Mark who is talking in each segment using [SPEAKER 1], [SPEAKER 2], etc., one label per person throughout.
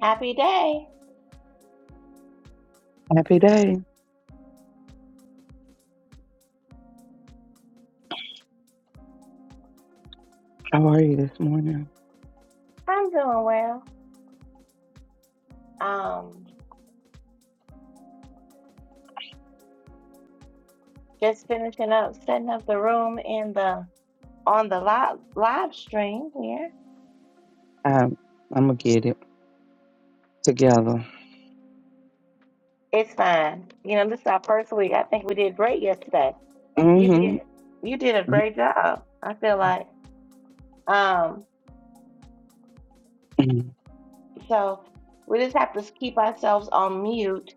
[SPEAKER 1] Happy day.
[SPEAKER 2] Happy day. How are you this morning?
[SPEAKER 1] I'm doing well. Um, just finishing up setting up the room in the on the live live stream here.
[SPEAKER 2] Um, I'm gonna get it together.
[SPEAKER 1] It's fine. You know, this is our first week. I think we did great yesterday. You
[SPEAKER 2] hmm
[SPEAKER 1] did you did a great job. I feel like. Um, so we just have to keep ourselves on mute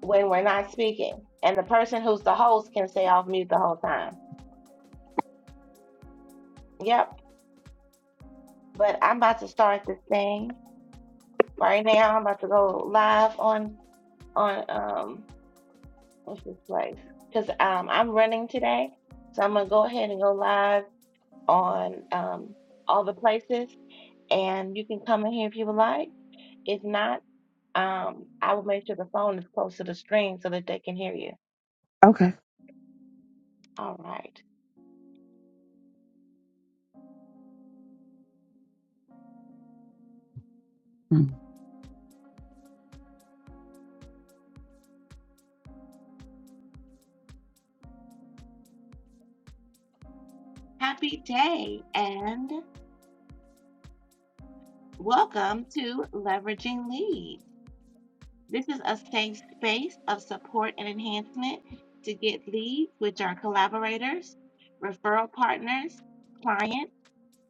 [SPEAKER 1] when we're not speaking. And the person who's the host can stay off mute the whole time. Yep. But I'm about to start this thing right now. I'm about to go live on on um what's this place? Because um I'm running today, so I'm gonna go ahead and go live on um all the places, and you can come in here if you would like. If not, um I will make sure the phone is close to the screen so that they can hear you.
[SPEAKER 2] Okay.
[SPEAKER 1] All right.
[SPEAKER 2] Mm.
[SPEAKER 1] Happy day and welcome to Leveraging Leads. This is a safe space of support and enhancement to get leads, which are collaborators, referral partners, clients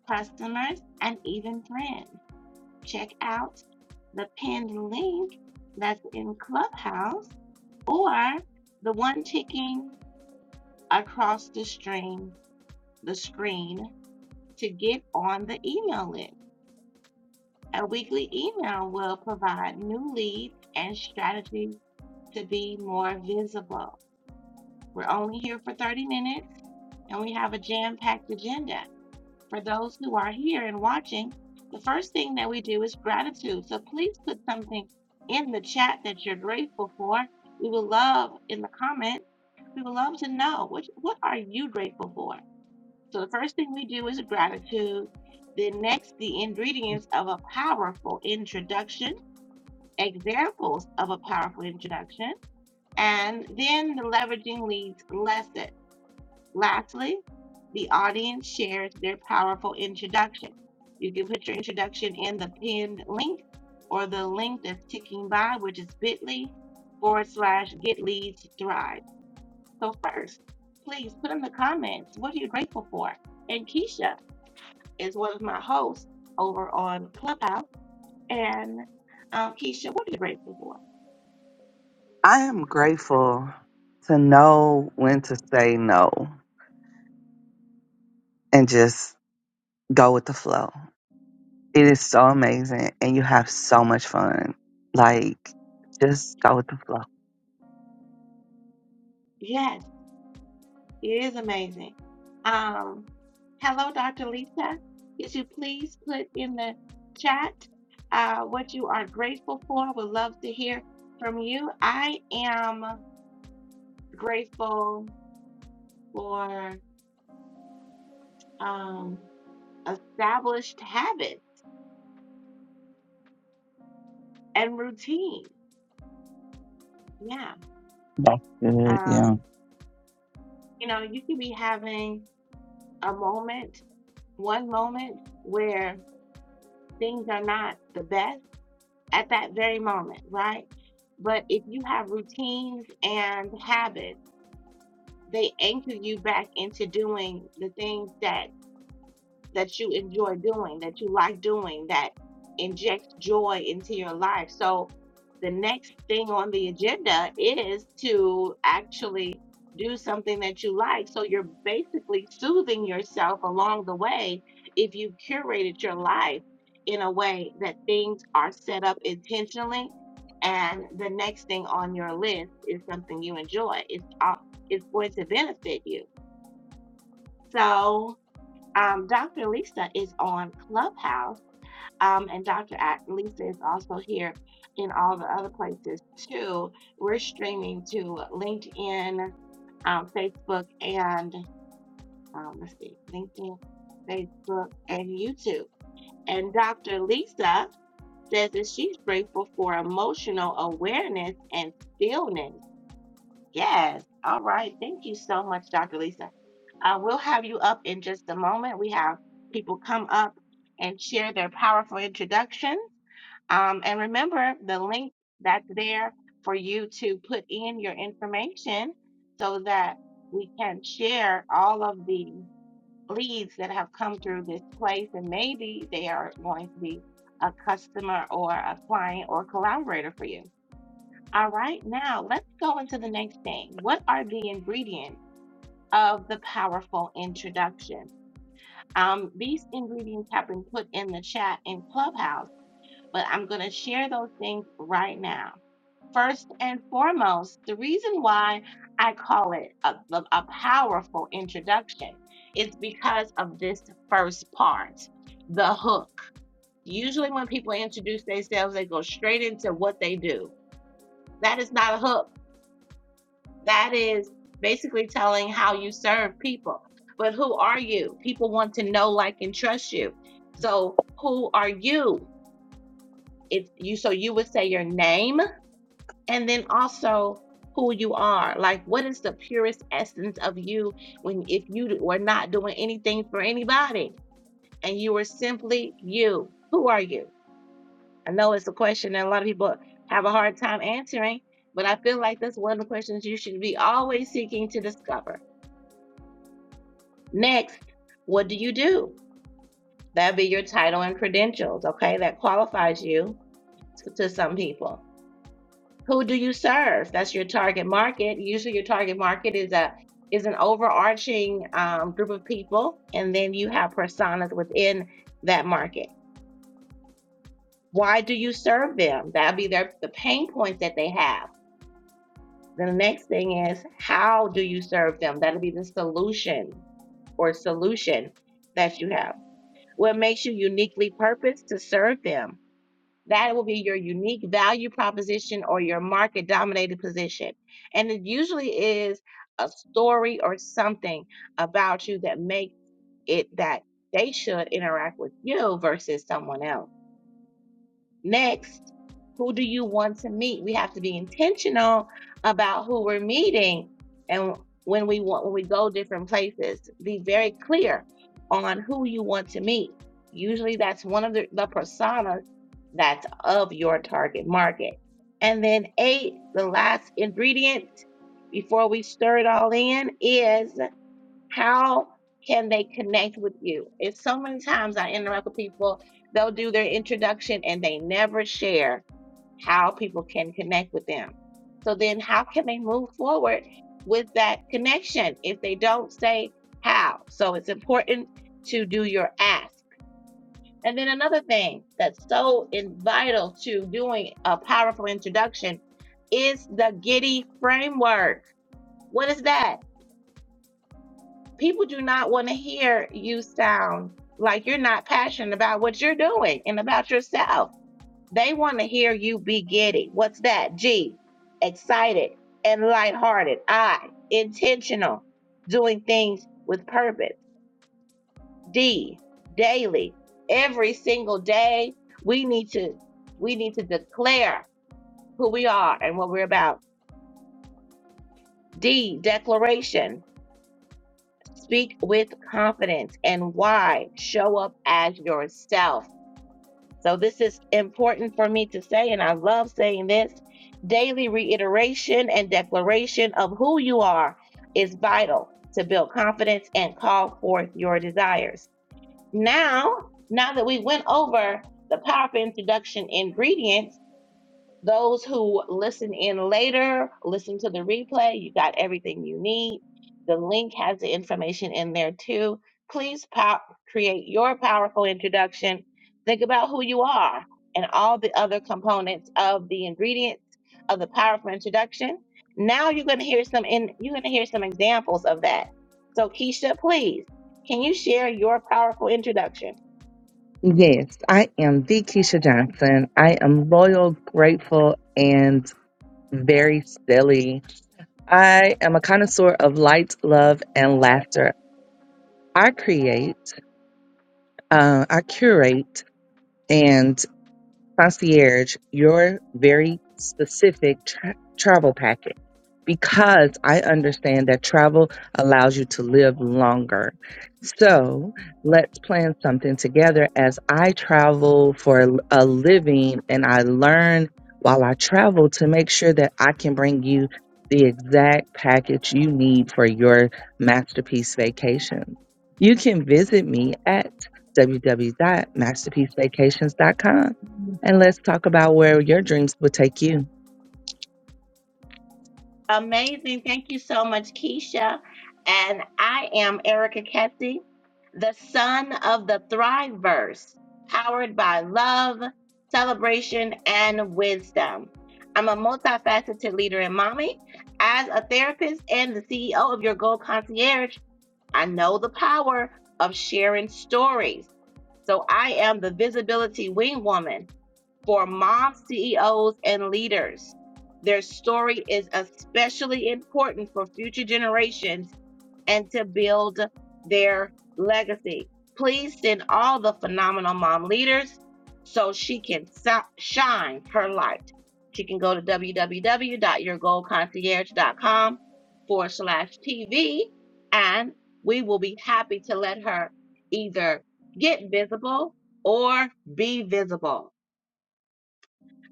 [SPEAKER 1] customers, and even friends. Check out the pinned link that's in Clubhouse or the one ticking across the screen. the screen to get on the email list. A weekly email will provide new leads and strategies to be more visible. We're only here for 30 minutes and we have a jam packed agenda. for those who are here and watching, the first thing that we do is gratitude. So please put something in the chat that you're grateful for. We would love in the comments, we would love to know what what are you grateful for? So the first thing we do is gratitude. Then next, the ingredients of a powerful introduction, examples of a powerful introduction, and then the leveraging leads lesson. Lastly, the audience shares their powerful introduction. You can put your introduction in the pinned link or the link that's ticking by, which is bit.ly forward slash get leads thrive. So, first, please put in the comments what are you grateful for? And Keisha is one of my hosts over on Clubhouse. And um, Keisha, what are you grateful for?
[SPEAKER 2] I am grateful to know when to say no and just go with the flow. It is so amazing, and you have so much fun. Like, just go with the flow.
[SPEAKER 1] Yes. It is amazing. Um, hello, Dr. Lisa. Could you please put in the chat uh, what you are grateful for? Would love to hear from you. I am grateful for um, established habits and routine. Yeah.
[SPEAKER 2] That's good. Yeah.
[SPEAKER 1] Um, you know, you could be having a moment, one moment where things are not the best at that very moment, right? But if you have routines and habits, they anchor you back into doing the things that that you enjoy doing, that you like doing, that injects joy into your life. So the next thing on the agenda is to actually do something that you like. So you're basically soothing yourself along the way if you've curated your life in a way that things are set up intentionally and the next thing on your list is something you enjoy. It's uh, it's going to benefit you. So um, Dr. Lisa is on Clubhouse, um, and Dr. Lisa is also here in all the other places too. We're streaming to LinkedIn, um, Facebook, and um, let's see, LinkedIn, Facebook, and YouTube. And Dr. Lisa says that she's grateful for emotional awareness and stillness. Yes. All right. Thank you so much, Dr. Lisa. Uh, we'll have you up in just a moment. We have people come up and share their powerful introduction. Um, and remember the link that's there for you to put in your information so that we can share all of the leads that have come through this place. And maybe they are going to be a customer or a client or collaborator for you. All right, now let's go into the next thing. What are the ingredients of the powerful introduction? Um, these ingredients have been put in the chat in Clubhouse, but I'm going to share those things right now. First and foremost, the reason why I call it a, a powerful introduction is because of this first part, the hook. Usually, when people introduce themselves, they go straight into what they do. That is not a hook That is basically telling how you serve people. But who are you? People want to know, like, and trust you. So who are you? It's you. So you would say your name, and then also who you are. Like, what is the purest essence of you when if you were not doing anything for anybody and you were simply you? Who are you? I know it's a question that a lot of people have a hard time answering, but I feel like that's one of the questions you should be always seeking to discover. Next, what do you do? That'd be your title and credentials, okay? That qualifies you to, to some people. Who do you serve? That's your target market. Usually, your target market is a is an overarching um, group of people, and then you have personas within that market. Why do you serve them? That'll be their the pain points that they have. Then the next thing is how do you serve them? That'll be the solution or solution that you have. What makes you uniquely purposed to serve them? That will be your unique value proposition or your market dominated position. And it usually is a story or something about you that makes it that they should interact with you versus someone else. Next, who do you want to meet? We have to be intentional about who we're meeting and when we want when we go different places. Be very clear on who you want to meet. Usually that's one of the, the personas that's of your target market. And then eight, the last ingredient before we stir it all in is how can they connect with you? It's so many times I interact with people, they'll do their introduction and they never share how people can connect with them. So then how can they move forward with that connection if they don't say how? So it's important to do your ask. And then another thing that's so in- vital to doing a powerful introduction is the Giddy framework. What is that? People do not want to hear you sound like you're not passionate about what you're doing and about yourself. They want to hear you be giddy. What's that? G, excited and lighthearted. I, intentional, doing things with purpose. D, daily. Every single day, we need to we need to declare who we are and what we're about. D, declaration Speak with confidence and why. Show up as yourself. So, this is important for me to say, and I love saying this. Daily reiteration and declaration of who you are is vital to build confidence and call forth your desires. Now, now that we went over the powerful introduction ingredients, those who listen in later, listen to the replay. You got everything you need. The link has the information in there too. Please pop, create your powerful introduction. Think about who you are and all the other components of the ingredients of the powerful introduction. Now you're going to hear some in you're going to hear some examples of that. So Keisha, please, can you share your powerful introduction?
[SPEAKER 2] Yes, I am the Keisha Johnson. I am loyal, grateful, and very silly. I am a connoisseur of light, love, and laughter. I create, uh, I curate, and concierge your very specific tra- travel packet because I understand that travel allows you to live longer. So let's plan something together as I travel for a a living and I learn while I travel to make sure that I can bring you the exact package you need for your masterpiece vacation. You can visit me at www.masterpiecevacations.com and let's talk about where your dreams would take you.
[SPEAKER 1] Amazing. Thank you so much, Keisha. And I am Erica Kessie, the son of the Thriveverse, powered by love, celebration, and wisdom. I'm a multifaceted leader and mommy. As a therapist and the CEO of Your Gold Concierge, I know the power of sharing stories. So I am the visibility wing woman for mom CEOs and leaders. Their story is especially important for future generations and to build their legacy. Please send all the phenomenal mom leaders so she can so- shine her light. She can go to www.yourgoalconcierge.com forward slash TV, and we will be happy to let her either get visible or be visible.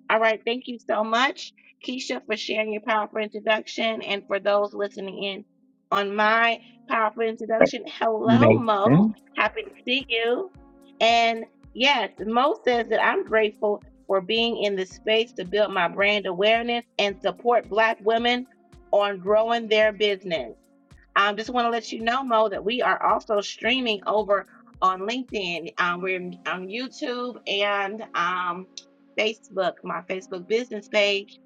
[SPEAKER 1] All right, thank you so much, Keisha, for sharing your powerful introduction. And for those listening in on my powerful introduction, hello, Mo.
[SPEAKER 2] Amazing.
[SPEAKER 1] Happy to see you. And yes, Mo says that I'm grateful for being in this space to build my brand awareness and support Black women on growing their business. Um, just want to let you know, Mo, that we are also streaming over on LinkedIn. Um, we're on YouTube and um, Facebook, my Facebook business page.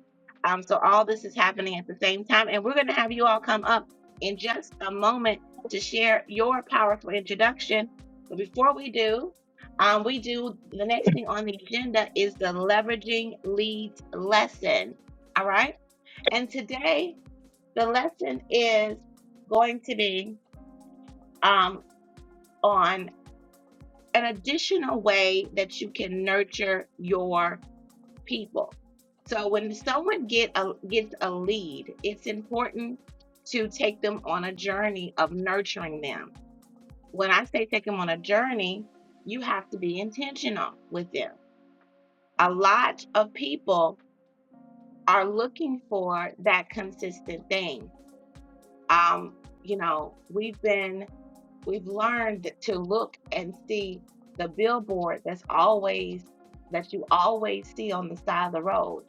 [SPEAKER 1] Um, so all this is happening at the same time. And we're going to have you all come up in just a moment to share your powerful introduction. But before we do, um, we do the next thing on the agenda is the leveraging leads lesson. All right. And today, the lesson is going to be um, on an additional way that you can nurture your people. So when someone get a, gets a lead, it's important to take them on a journey of nurturing them. When I say take them on a journey, you have to be intentional with them. A lot of people are looking for that consistent thing. Um, you know, we've been We've learned to look and see the billboard that's always that you always see on the side of the road.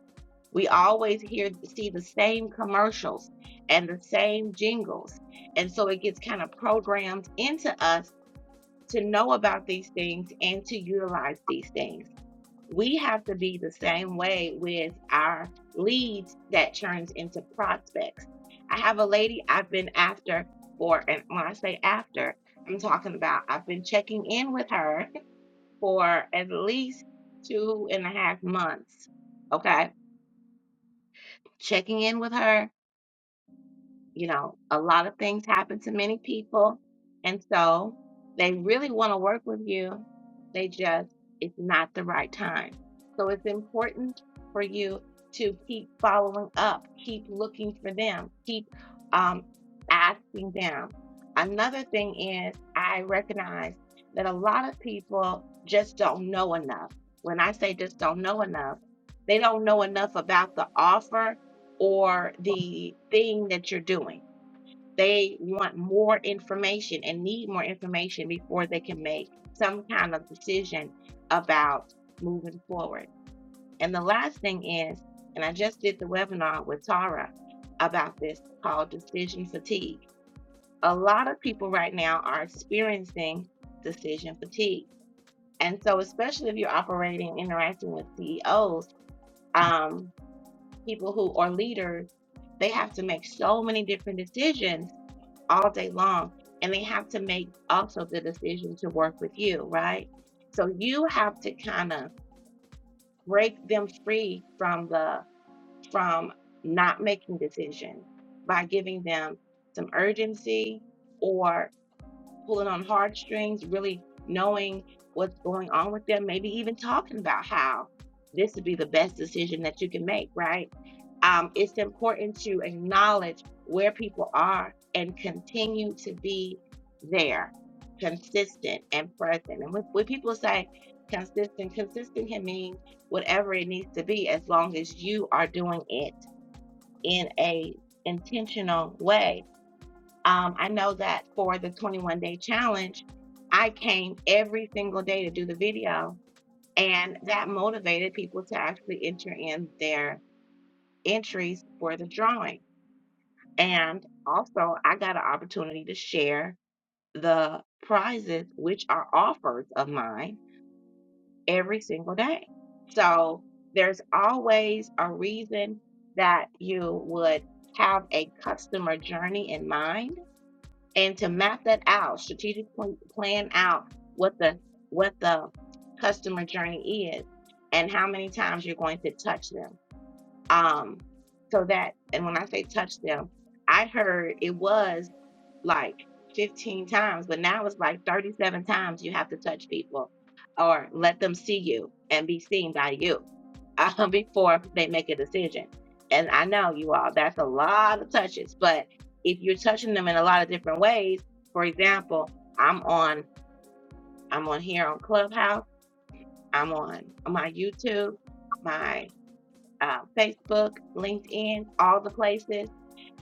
[SPEAKER 1] We always hear see the same commercials and the same jingles. And so it gets kind of programmed into us to know about these things and to utilize these things we have to be the same way with our leads that turns into prospects. I have a lady I've been after for, and when I say after, I'm talking about I've been checking in with her for at least two and a half months. Okay. Checking in with her, You know, a lot of things happen to many people. And so they really want to work with you. They just, it's not the right time. So it's important for you to keep following up, keep looking for them, keep um, asking them. Another thing is, I recognize that a lot of people just don't know enough. When I say just don't know enough, they don't know enough about the offer or the thing that you're doing. They want more information and need more information before they can make some kind of decision about moving forward. And the last thing is, and I just did the webinar with Tara about this called decision fatigue. A lot of people right now are experiencing decision fatigue. And so, especially if you're operating, interacting with CEOs, um, people who are leaders, they have to make so many different decisions all day long. And they have to make also the decision to work with you, right? So you have to kind of break them free from the from not making decisions by giving them some urgency or pulling on heartstrings, really knowing what's going on with them, maybe even talking about how this would be the best decision that you can make, right? Um, it's important to acknowledge where people are and continue to be there, consistent and present. And when, when people say consistent, consistent can mean whatever it needs to be as long as you are doing it in a intentional way um, I know that for the 21 day challenge, I came every single day to do the video, and that motivated people to actually enter in their entries for the drawing. And also, I got an opportunity to share the prizes, which are offers of mine, every single day. So there's always a reason that you would have a customer journey in mind and to map that out, strategic plan out what the what the customer journey is and how many times you're going to touch them. Um, so that, and when I say touch them, I heard it was like 15 times, but now it's like 37 times you have to touch people or let them see you and be seen by you uh, before they make a decision. And I know you all, that's a lot of touches, but if you're touching them in a lot of different ways, for example, I'm on I'm on here on Clubhouse, I'm on my YouTube, my uh, Facebook, LinkedIn, all the places.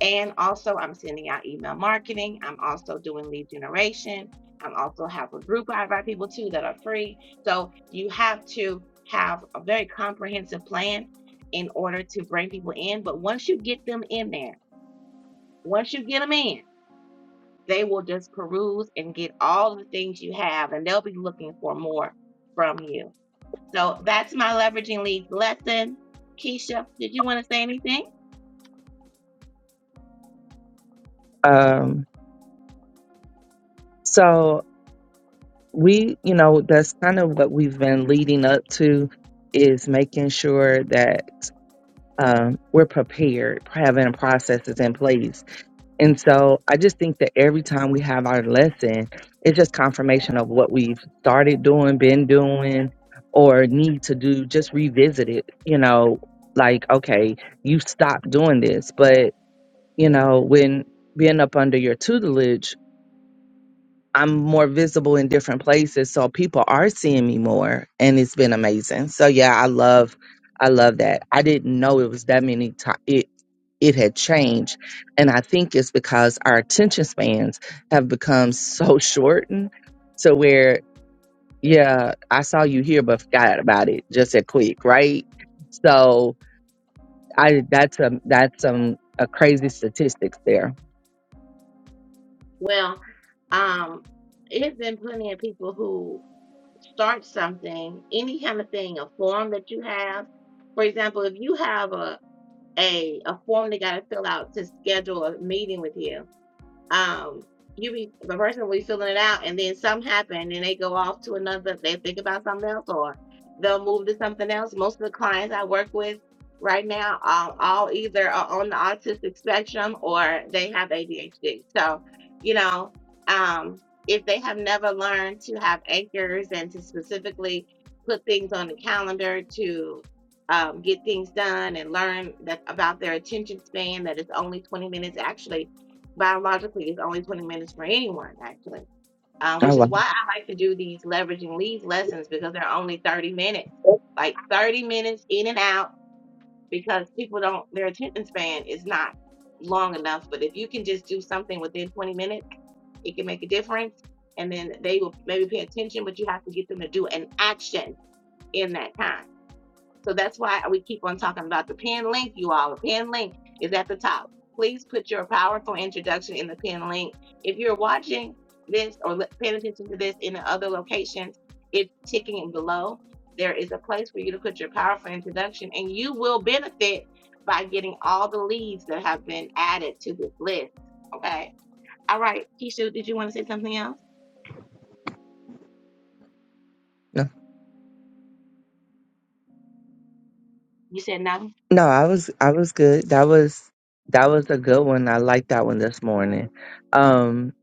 [SPEAKER 1] And also, I'm sending out email marketing. I'm also doing lead generation. I also have a group I invite people to that are free. So you have to have a very comprehensive plan in order to bring people in. But once you get them in there, once you get them in, they will just peruse and get all the things you have, and they'll be looking for more from you. So that's my leveraging leads lesson. Keisha, did you want to say anything?
[SPEAKER 2] Um, so we, you know, that's kind of what we've been leading up to is making sure that um, we're prepared, having processes in place And so I just think that every time we have our lesson, it's just confirmation of what we've started doing, been doing, or need to do. Just revisit it, you know, like, okay, you stopped doing this, but, you know, when being up under your tutelage, I'm more visible in different places, so people are seeing me more, and it's been amazing. So yeah, I love, I love that. I didn't know it was that many times. It it had changed, and I think it's because our attention spans have become so shortened to where yeah, I saw you here, but forgot about it just that quick, right? So I that's a that's some a crazy statistics there.
[SPEAKER 1] Well, um, it's been plenty of people who start something, any kind of thing, a form that you have. For example, if you have a a, a form they got to fill out to schedule a meeting with you, um you be the person will be filling it out and then something happen and they go off to another they think about something else or they'll move to something else most of the clients i work with right now all, all either are on the autistic spectrum or they have adhd so you know um if they have never learned to have anchors and to specifically put things on the calendar to um, get things done and learn that about their attention span that it's only 20 minutes actually biologically is always winning minutes for anyone, actually, uh,
[SPEAKER 2] Oh,
[SPEAKER 1] which is why
[SPEAKER 2] wow.
[SPEAKER 1] I like to do these leveraging leads lessons because they're only 30 minutes, like 30 minutes in and out, because people don't, their attention span is not long enough. But if you can just do something within 20 minutes, it can make a difference. And then they will maybe pay attention, but you have to get them to do an action in that time. So that's why we keep on talking about the pin link, you all. The pin link is at the top. Please put your powerful introduction in the pin link. If you're watching this or paying attention to this in the other locations, it's ticking and below. There is a place for you to put your powerful introduction, and you will benefit by getting all the leads that have been added to this list. Okay. All right, Keisha, did you want to say something else? You said no.
[SPEAKER 2] No, I was I was good. That was that was a good one. I liked that one this morning. Um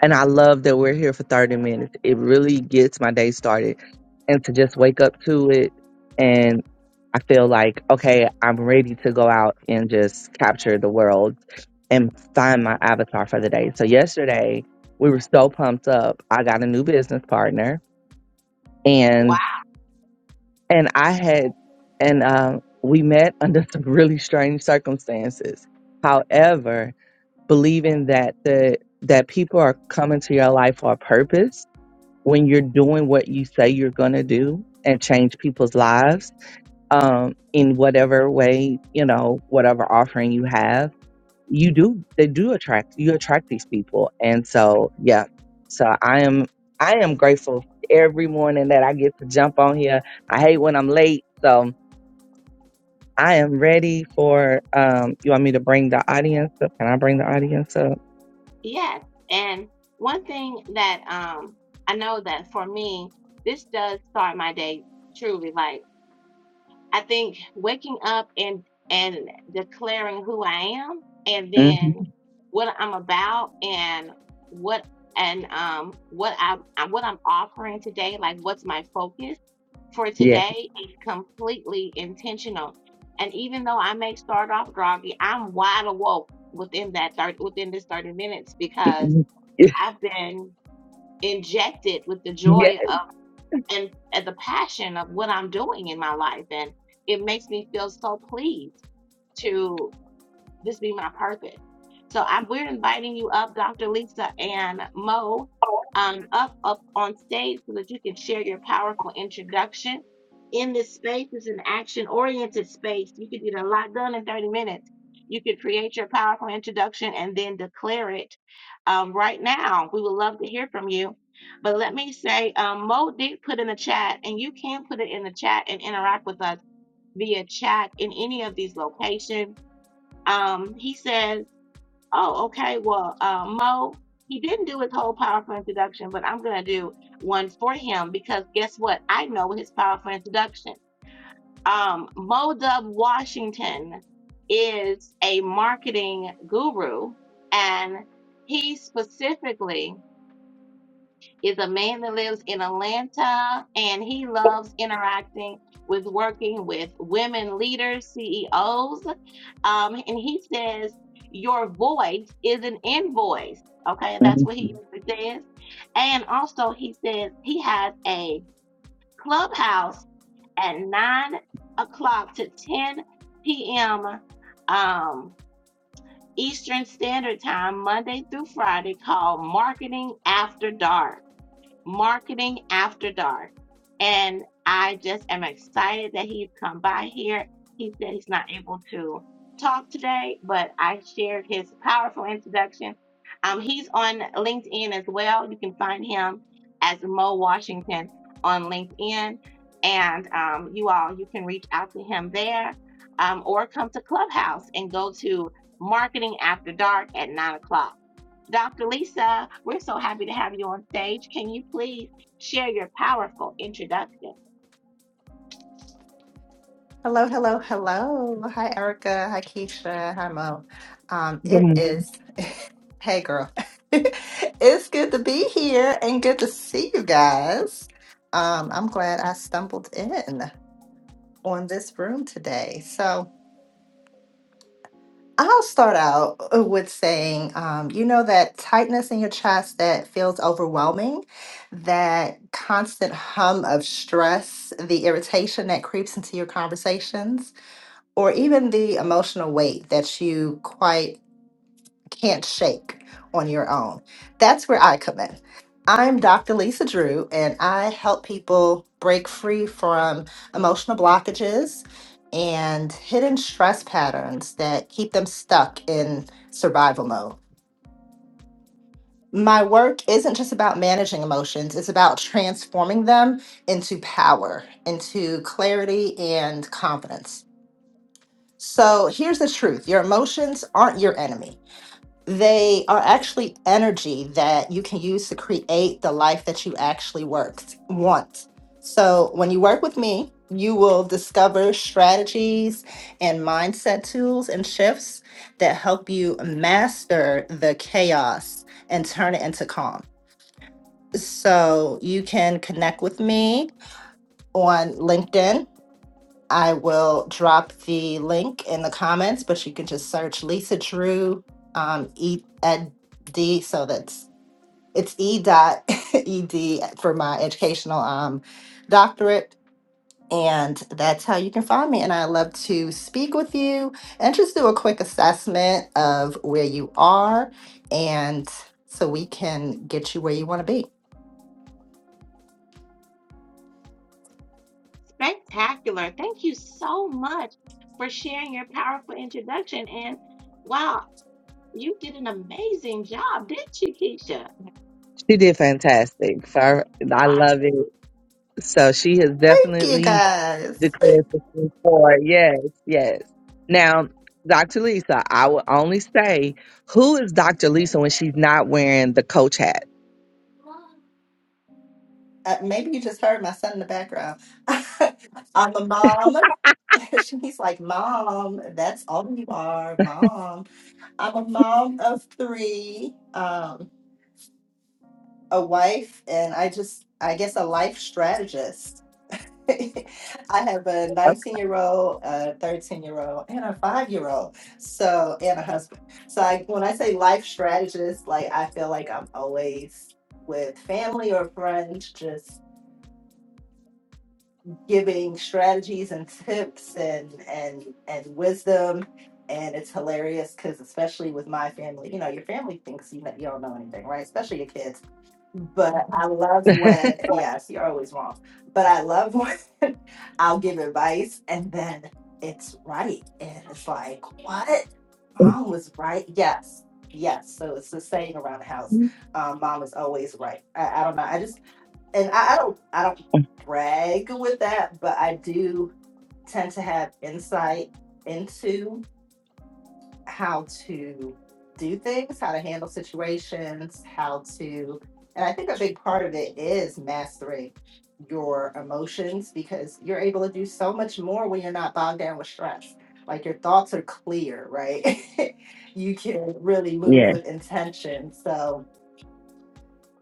[SPEAKER 2] and I love that we're here for 30 minutes. It really gets my day started. And to just wake up to it and I feel like, okay, I'm ready to go out and just capture the world and find my avatar for the day. So yesterday we were so pumped up. I got a new business partner
[SPEAKER 1] Wow.
[SPEAKER 2] and I had, and um, we met under some really strange circumstances. However, believing that the that people are coming to your life for a purpose when you're doing what you say you're going to do and change people's lives um, in whatever way you know whatever offering you have you do they do attract you attract these people and so yeah so i am i am grateful every morning that i get to jump on here i hate when i'm late so I am ready for. Um, you want me to bring the audience up? Can I bring the audience up?
[SPEAKER 1] Yes. And one thing that um I know that for me, this does start my day truly. Like I think waking up and and declaring who I am and
[SPEAKER 2] hmm
[SPEAKER 1] then what I'm about and what and um what I what I'm offering today, like what's my focus for
[SPEAKER 2] Yeah.
[SPEAKER 1] today is completely intentional. And even though I may start off groggy, I'm wide awoke within that 30 within this 30 minutes because
[SPEAKER 2] Mhm.
[SPEAKER 1] I've been injected with the
[SPEAKER 2] yeah.
[SPEAKER 1] joy of and, and the passion of what I'm doing in my life. And it makes me feel so pleased to this be my purpose. So I'm, we're inviting you up, Dr. Lisa and Mo, um, up up on stage so that you can share your powerful introduction. In this space is an action-oriented space. You can get a lot done in 30 minutes. You could create your powerful introduction and then declare it um, right now. We would love to hear from you. But let me say, um, Mo did put in the chat, and you can put it in the chat and interact with us via chat in any of these locations um, he says, "Oh, okay. Well, uh, Mo, he didn't do his whole powerful introduction, but I'm gonna do one for him because guess what? I know his powerful introduction. Um, Mo Dub Washington is a marketing guru, and he specifically." is a man that lives in Atlanta and he loves interacting with working with women leaders, CEOs. Um, and he says, Your voice is an invoice. Okay, that's
[SPEAKER 2] Mhm.
[SPEAKER 1] what he says. And also, he says he has a clubhouse at 9 o'clock to 10 p.m. Um, Eastern Standard Time, Monday through Friday, called Marketing After Dark Marketing After Dark. And I just am excited that he's come by here. He said he's not able to talk today, but I shared his powerful introduction. Um, he's on LinkedIn as well. You can find him as Mo Washington on LinkedIn. And um, you all, you can reach out to him there um, or come to Clubhouse and go to Marketing After Dark at 9 o'clock. Dr. Lisa, we're so happy to have you on stage. Can you please share your powerful introduction?
[SPEAKER 3] Hello, hello, hello. Hi, Erica. Hi, Keisha. Hi, Mo. Um,
[SPEAKER 2] Good
[SPEAKER 3] it
[SPEAKER 2] morning.
[SPEAKER 3] is, hey, girl. It's good to be here and good to see you guys. Um, I'm glad I stumbled in on this room today. So I'll start out uh, with saying, um, you know, that tightness in your chest that feels overwhelming, that constant hum of stress, the irritation that creeps into your conversations or even the emotional weight that you quite can't shake on your own. That's where I come in. I'm Dr. Lisa Drew, and I help people break free from emotional blockages and hidden stress patterns that keep them stuck in survival mode. My work isn't just about managing emotions, it's about transforming them into power, into clarity and confidence. So here's the truth your emotions aren't your enemy. They are actually energy that you can use to create the life that you actually works, want. So when you work with me, you will discover strategies and mindset tools and shifts that help you master the chaos and turn it into calm. So you can connect with me on LinkedIn I will drop the link in the comments, but you can just search Lisa Drew, um, E Ed D. So that's it's E dot E D for my educational um doctorate. And that's how you can find me. And I love to speak with you and just do a quick assessment of where you are and so we can get you where you want to be.
[SPEAKER 1] Spectacular. Thank you so much for sharing your powerful introduction. And wow, you did an amazing job, didn't you, Keisha?
[SPEAKER 2] She did fantastic. So I, I
[SPEAKER 1] My,
[SPEAKER 2] love it. So she has
[SPEAKER 3] Thank you
[SPEAKER 2] definitely
[SPEAKER 3] guys.
[SPEAKER 2] declared for Q four. Yes, yes. Now, Dr. Lisa, I will only say who is Dr. Lisa when she's not wearing the coach hat.
[SPEAKER 3] Uh, maybe you just heard my son in the background. I'm a mom. He's like, Mom, that's all you are, Mom. I'm a mom of three, um, a wife, and I just, I guess, a life strategist. I have a 19 year old, a 13 year old, and a five year old. So, and a husband. So, I, when I say life strategist, like, I feel like I'm always with family or friends, just giving strategies and tips and and and wisdom and it's hilarious because especially with my family you know your family thinks you, know, you don't know anything right especially your kids but i love when yes you're always wrong but i love when i'll give advice and then it's right and it's like what
[SPEAKER 2] Okay.
[SPEAKER 3] mom was right yes yes so it's the saying around the house um, mom is always right I, I don't know i just and I, I don't I don't brag with that, but I do tend to have insight into how to do things, how to handle situations, how to and I think a big part of it is mastering your emotions because you're able to do so much more when you're not bogged down with stress. Like your thoughts are clear, right? you can really move
[SPEAKER 2] Yeah.
[SPEAKER 3] with intention. So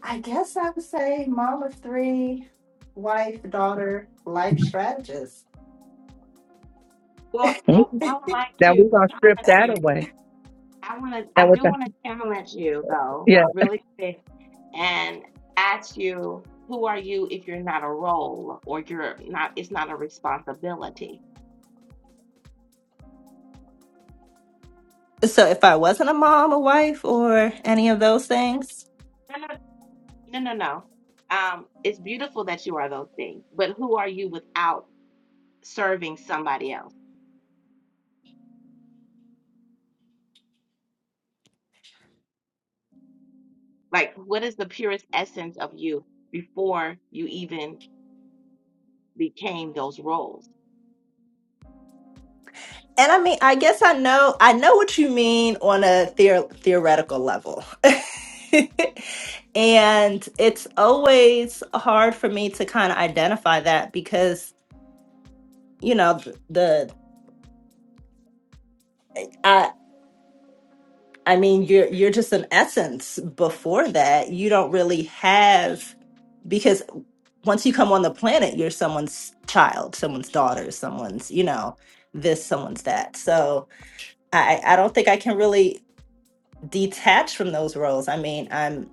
[SPEAKER 3] I guess I would say mom of three, wife, daughter, life strategist.
[SPEAKER 1] well,
[SPEAKER 2] Mhm.
[SPEAKER 1] I, I would like
[SPEAKER 2] Now we're
[SPEAKER 1] to
[SPEAKER 2] gonna
[SPEAKER 1] start
[SPEAKER 2] strip
[SPEAKER 1] with you
[SPEAKER 2] that away.
[SPEAKER 1] I want to. I
[SPEAKER 2] And with
[SPEAKER 1] do want
[SPEAKER 2] that,
[SPEAKER 1] to challenge you though, really quick, and ask you, who are you if you're not a role or you're not? It's not a responsibility.
[SPEAKER 3] So if I wasn't a mom, a wife, or any of those things.
[SPEAKER 1] No, no, no, no, no. Um, it's beautiful that you are those things, but who are you without serving somebody else? Like, what is the purest essence of you before you even became those roles?
[SPEAKER 3] And I mean, I guess I know I know what you mean on a theor- theoretical level. and it's always hard for me to kind of identify that because, you know, the, I mean, you're you're just an essence. Before that, you don't really have because once you come on the planet, you're someone's child, someone's daughter, someone's you know this, someone's that. So I I don't think I can really detach from those roles. I mean, I'm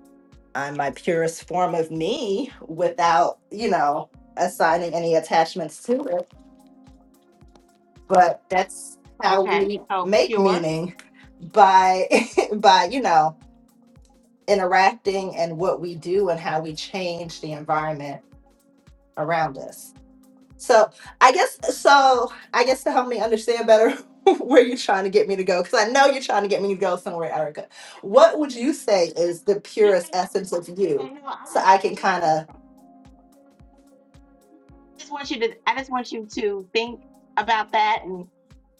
[SPEAKER 3] I'm my purest form of me without you know assigning any attachments to it. But that's how
[SPEAKER 1] Okay,
[SPEAKER 3] we
[SPEAKER 1] so
[SPEAKER 3] make
[SPEAKER 1] pure.
[SPEAKER 3] meaning by by you know interacting and what we do and how we change the environment around us. So I guess so I guess to help me understand better where you're trying to get me to go, because I know you're trying to get me to go somewhere, Erica. What would you say is the
[SPEAKER 1] No,
[SPEAKER 3] purest
[SPEAKER 1] no,
[SPEAKER 3] essence of
[SPEAKER 1] no.
[SPEAKER 3] you?
[SPEAKER 1] Okay, no, I
[SPEAKER 3] So
[SPEAKER 1] just,
[SPEAKER 3] I
[SPEAKER 1] I
[SPEAKER 3] can
[SPEAKER 1] just
[SPEAKER 3] kind of
[SPEAKER 1] just want you to I just want you to think about that and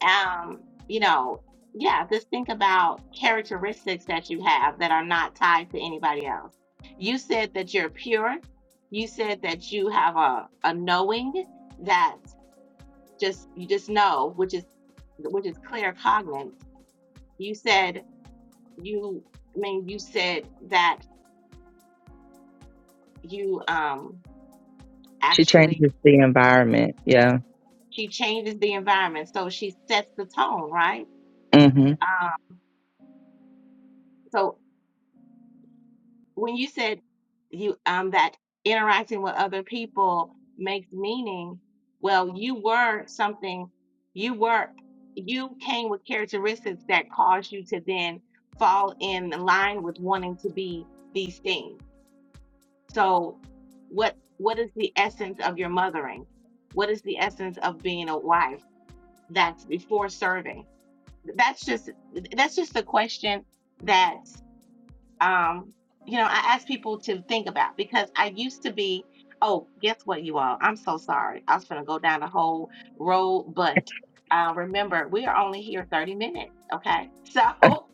[SPEAKER 1] um, you know, yeah, just think about characteristics that you have that are not tied to anybody else. You said that you're pure. You said that you have a, a knowing that just you just know, which is which is clear cognate. You said you I mean you said that you um
[SPEAKER 2] She
[SPEAKER 1] actually
[SPEAKER 2] changes the environment. Yeah.
[SPEAKER 1] she changes the environment. So she sets the tone, right?
[SPEAKER 2] Mm-hmm.
[SPEAKER 1] Um, So when you said you um that interacting with other people makes meaning, well, you were something, you were you came with characteristics that caused you to then fall in line with wanting to be these things. So what what is the essence of your mothering? What is the essence of being a wife? That's before serving. That's just that's just a question that um, you know, I ask people to think about because I used to be, oh, guess what, you all? I'm so sorry. I was going to go down the whole road, but uh, remember, we are only here 30 minutes, okay? So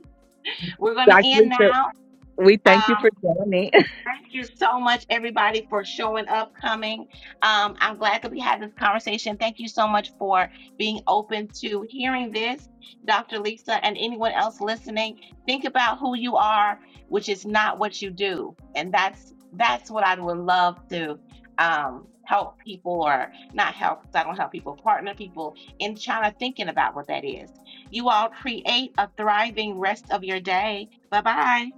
[SPEAKER 1] we're going to
[SPEAKER 2] Dr.
[SPEAKER 1] end
[SPEAKER 2] Lisa,
[SPEAKER 1] now.
[SPEAKER 2] we thank you
[SPEAKER 1] Um,
[SPEAKER 2] for joining.
[SPEAKER 1] Thank you so much, everybody, for showing up, coming. Um, I'm glad that we had this conversation. Thank you so much for being open to hearing this, Dr. Lisa, and anyone else listening. Think about who you are, which is not what you do, and that's that's what I would love to um, help people, or not help. 'cause I don't help people, partner people in China thinking about what that is. You all create a thriving rest of your day. Bye bye.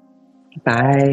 [SPEAKER 2] Bye.